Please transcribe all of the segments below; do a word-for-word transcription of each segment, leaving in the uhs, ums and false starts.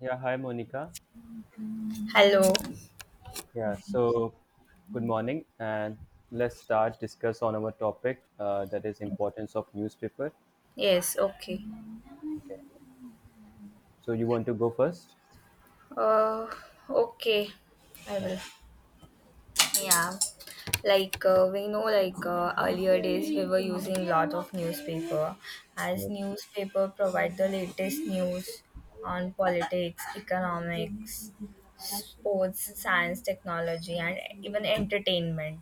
Yeah, hi Monica. Hello. Yeah, so good morning, and let's start discuss on our topic uh, that is importance of newspaper. Yes, okay. Okay. So you want to go first? Uh, okay. I Yeah. will. Yeah. Like uh, we know, like uh, earlier days, we were using lot of newspaper, as Yeah. newspaper provide the latest news on politics, economics, sports, science, technology, and even entertainment.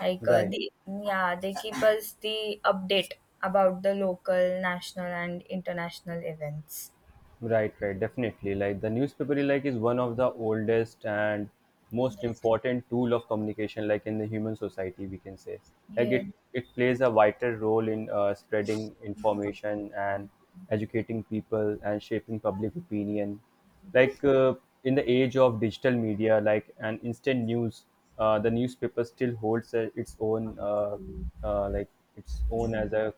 Like uh, Right. they, yeah, they keep us the update about the local, national, and international events. Right, right, definitely. Like the newspaper, like is one of the oldest and most Yes. important tool of communication, like in the human society, we can say. Like Yeah. it, it plays a vital role in uh, spreading information and educating people and shaping public opinion. Like uh, in the age of digital media, like and instant news, uh, the newspaper still holds uh, its own, uh, uh, like its own as a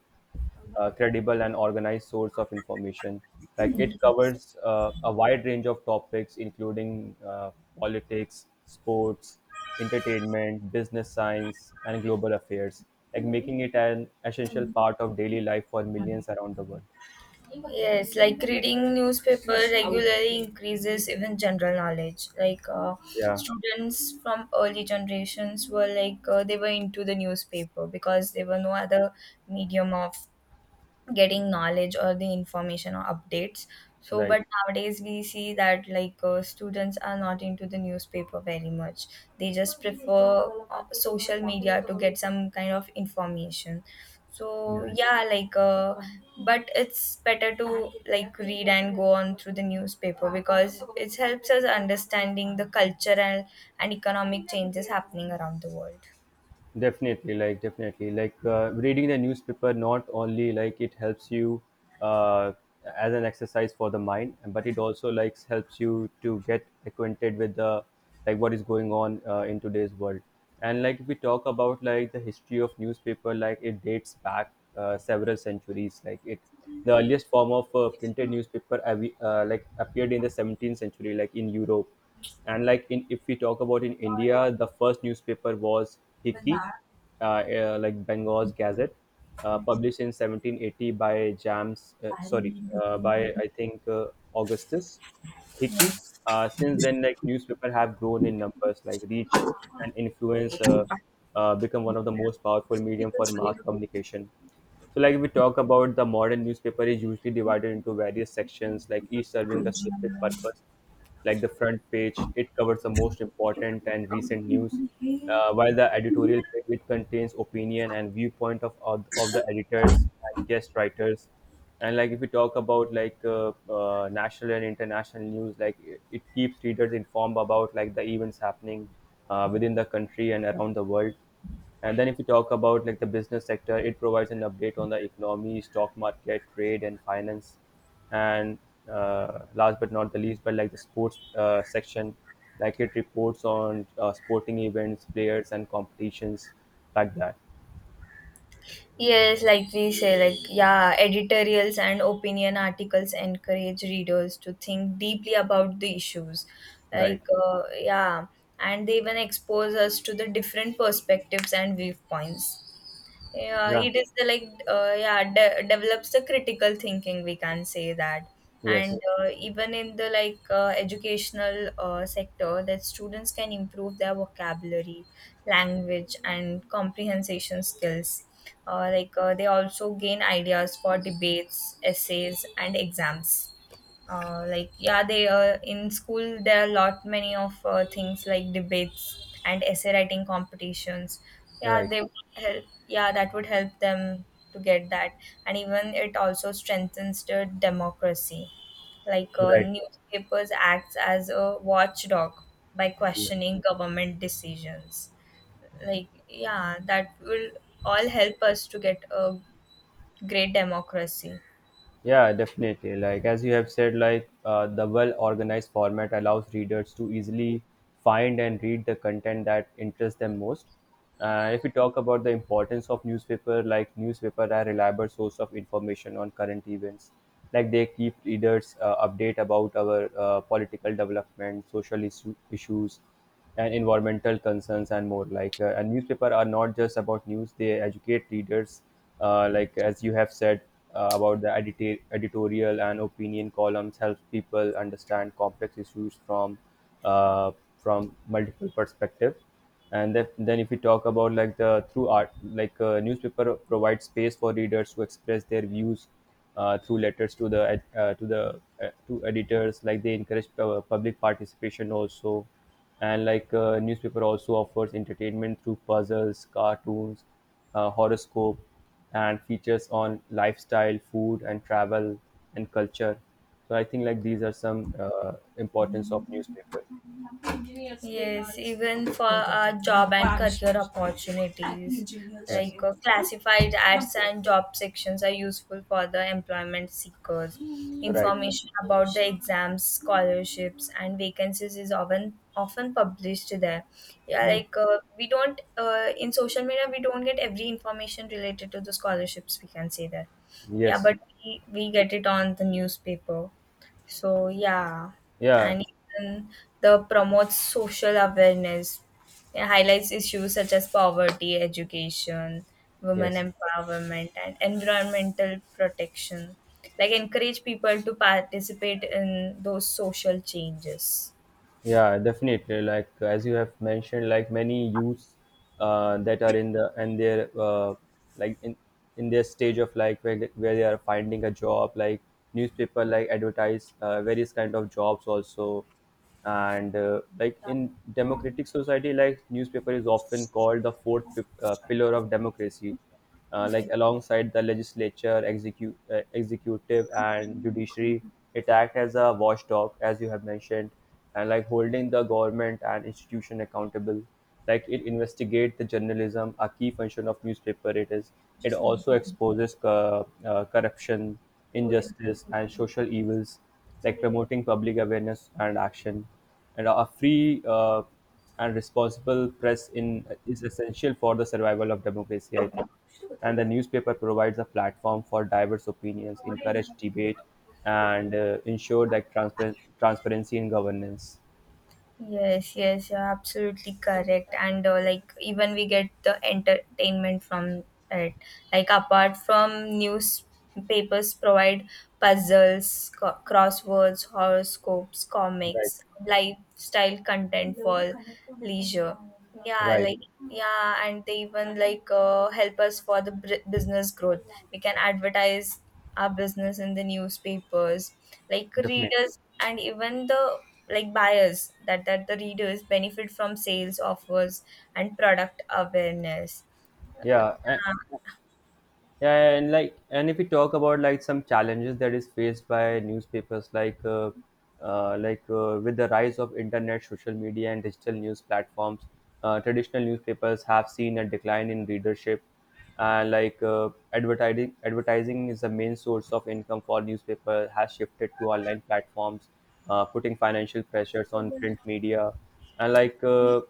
uh, credible and organized source of information. Like it Yes. covers uh, a wide range of topics, including uh, politics, sports, entertainment, business science, and global affairs. Like making it an essential part of daily life for millions around the world. Yes, like reading newspaper regularly increases even general knowledge. Like uh, Yeah, students from early generations were like uh, they were into the newspaper because there were no other medium of getting knowledge or the information or updates, so right. but nowadays we see that like uh, students are not into the newspaper very much. They just prefer uh, social media to get some kind of information. Yeah. So yeah, like uh, but it's better to like read and go on through the newspaper because it helps us understanding the cultural and economic changes happening around the world. Definitely, like definitely, like uh, reading the newspaper not only like it helps you uh, as an exercise for the mind, but it also like helps you to get acquainted with the like what is going on uh, in today's world. And like if we talk about like the history of newspaper, like it dates back uh, several centuries. Like it, the earliest form of uh, printed newspaper uh, we- uh, like appeared in the seventeenth century, like in Europe and like in if we talk about in india the first newspaper was hiki uh, uh, like bengal's gazette uh, published in seventeen eighty by James. Uh, sorry uh, by I think uh, augustus Hickey. Uh, since then like newspaper have grown in numbers like reach and influence uh, uh, become one of the most powerful medium for mass communication. So, like if we talk about the modern newspaper is usually divided into various sections, like each serving a specific purpose. Like the front page, it covers the most important and recent news, uh, while the editorial page it contains opinion and viewpoint of of, of the editors and guest writers. And like if we talk about like uh, uh, national and international news, like it, it keeps readers informed about like the events happening uh, within the country and around the world. And then if you talk about like the business sector, it provides an update on the economy, stock market, trade, and finance. And uh, last but not the least, but like the sports uh, section, like it reports on uh, sporting events, players, and competitions like that. Yes, like we say, like, yeah, editorials and opinion articles encourage readers to think deeply about the issues. Like, Right. uh, yeah, and they even expose us to the different perspectives and viewpoints. Yeah, Yeah. it is the like uh, yeah de- develops the critical thinking, we can say that. And Yes. uh, even in the like uh, educational uh, sector that students can improve their vocabulary, language and comprehension skills. uh, like uh, they also gain ideas for debates, essays and exams. uh, like yeah, they uh, in school there are a lot many of uh, things like debates and essay writing competitions. yeah Right. They would help yeah, that would help them to get that. And even it also strengthens the democracy, like uh, Right. newspapers acts as a watchdog by Yeah. questioning government decisions, like yeah that will all help us to get a great democracy. Yeah, definitely. Like as you have said, like uh, the well-organized format allows readers to easily find and read the content that interests them most. And if we talk about the importance of newspaper, like newspaper are reliable source of information on current events. Like they keep readers uh, update about our uh, political development, social issue, issues, and environmental concerns and more like uh, a newspaper are not just about news they educate readers uh, like as you have said uh, about the edita- editorial and opinion columns helps people understand complex issues from uh, from multiple perspective. And then then if we talk about like the through art like uh, newspaper provides space for readers to express their views uh, through letters to the ed- uh, to the uh, to editors like they encourage uh, public participation also. And like uh, newspaper also offers entertainment through puzzles cartoons uh, horoscope and features on lifestyle food and travel and culture. So I think like these are some uh, importance of newspaper. Yes, even for our job and career opportunities, Yes. like uh, classified ads and job sections are useful for the employment seekers. Right. Information about the exams, scholarships, and vacancies is often often published there. Yeah, Right. like uh, we don't uh, in social media we don't get every information related to the scholarships. We can say that. Yeah, Yes. but we, we get it on the newspaper. So yeah. Yeah. And even the promotes social awareness. It highlights issues such as poverty, education, women Yes. empowerment, and environmental protection. Like encourage people to participate in those social changes. Yeah, definitely. Like as you have mentioned, like many youths uh, that are in the and their uh, like in in their stage of like where they- where they are finding a job, like newspaper like advertise uh, various kind of jobs also, and uh, like in democratic society, like newspaper is often called the fourth pi- uh, pillar of democracy, uh, like alongside the legislature, execute uh, executive, and judiciary. It acts as a watchdog, as you have mentioned, and like holding the government and institution accountable. Like it investigate the journalism a key function of newspaper it is. It also exposes co- uh, corruption injustice and social evils, like promoting public awareness and action. And a free uh, and responsible press in is essential for the survival of democracy I think. And the newspaper provides a platform for diverse opinions encourage debate, and uh, ensure that transpa- transparency in governance. Yes, yes, you're absolutely correct. And uh, like even we get the entertainment from it. Like apart from newspapers provide puzzles, co- crosswords, horoscopes, Right, comics, lifestyle content for leisure. Yeah, right, like yeah, and they even like uh, help us for the br- business growth. We can advertise our business in the newspapers, like definitely. readers and even the like buyers, that that the readers benefit from sales offers and product awareness. Yeah, a- yeah, and like, and if we talk about like some challenges that is faced by newspapers, like, uh, uh, like uh, with the rise of internet, social media, and digital news platforms, uh, traditional newspapers have seen a decline in readership. And like uh, advertising, advertising is the main source of income for newspaper has shifted to online platforms, uh, putting financial pressures on print media, and like. Uh,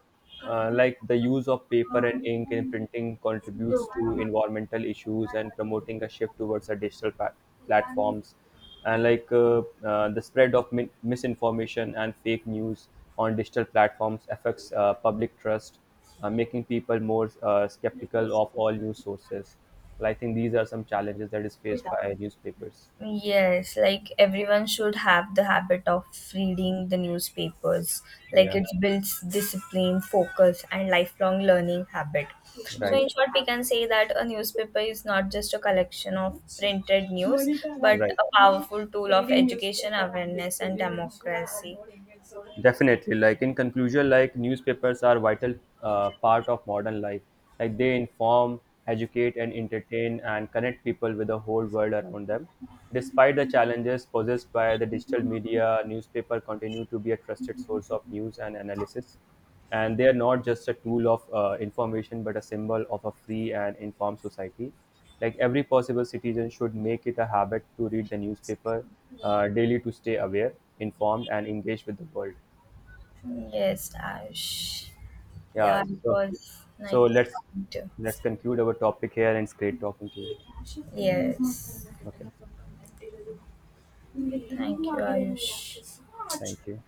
uh, Like the use of paper and ink in printing contributes to environmental issues and promoting a shift towards a digital pat- platforms. And like uh, uh, the spread of min- misinformation and fake news on digital platforms affects uh, public trust, uh, making people more uh, skeptical of all news sources. Well, I think these are some challenges that is faced by newspapers. Yes, like everyone should have the habit of reading the newspapers. Like Yeah. it builds discipline, focus, and lifelong learning habit. So, Right. in short, we can say that a newspaper is not just a collection of printed news, but Right. a powerful tool of education, awareness, and democracy. Definitely, like in conclusion, like newspapers are vital uh, part of modern life. Like they inform, educate, and entertain, and connect people with the whole world around them. Despite the challenges posed by the digital media, newspaper continue to be a trusted source of news and analysis. And they are not just a tool of uh, information, but a symbol of a free and informed society. Like every possible citizen should make it a habit to read the newspaper uh, daily to stay aware, informed, and engaged with the world. Yes, Ash. Yeah. Yeah, it So was so nice let's talking to. let's conclude our topic here, and it's great talking to you. You. Yes. Okay. Thank you.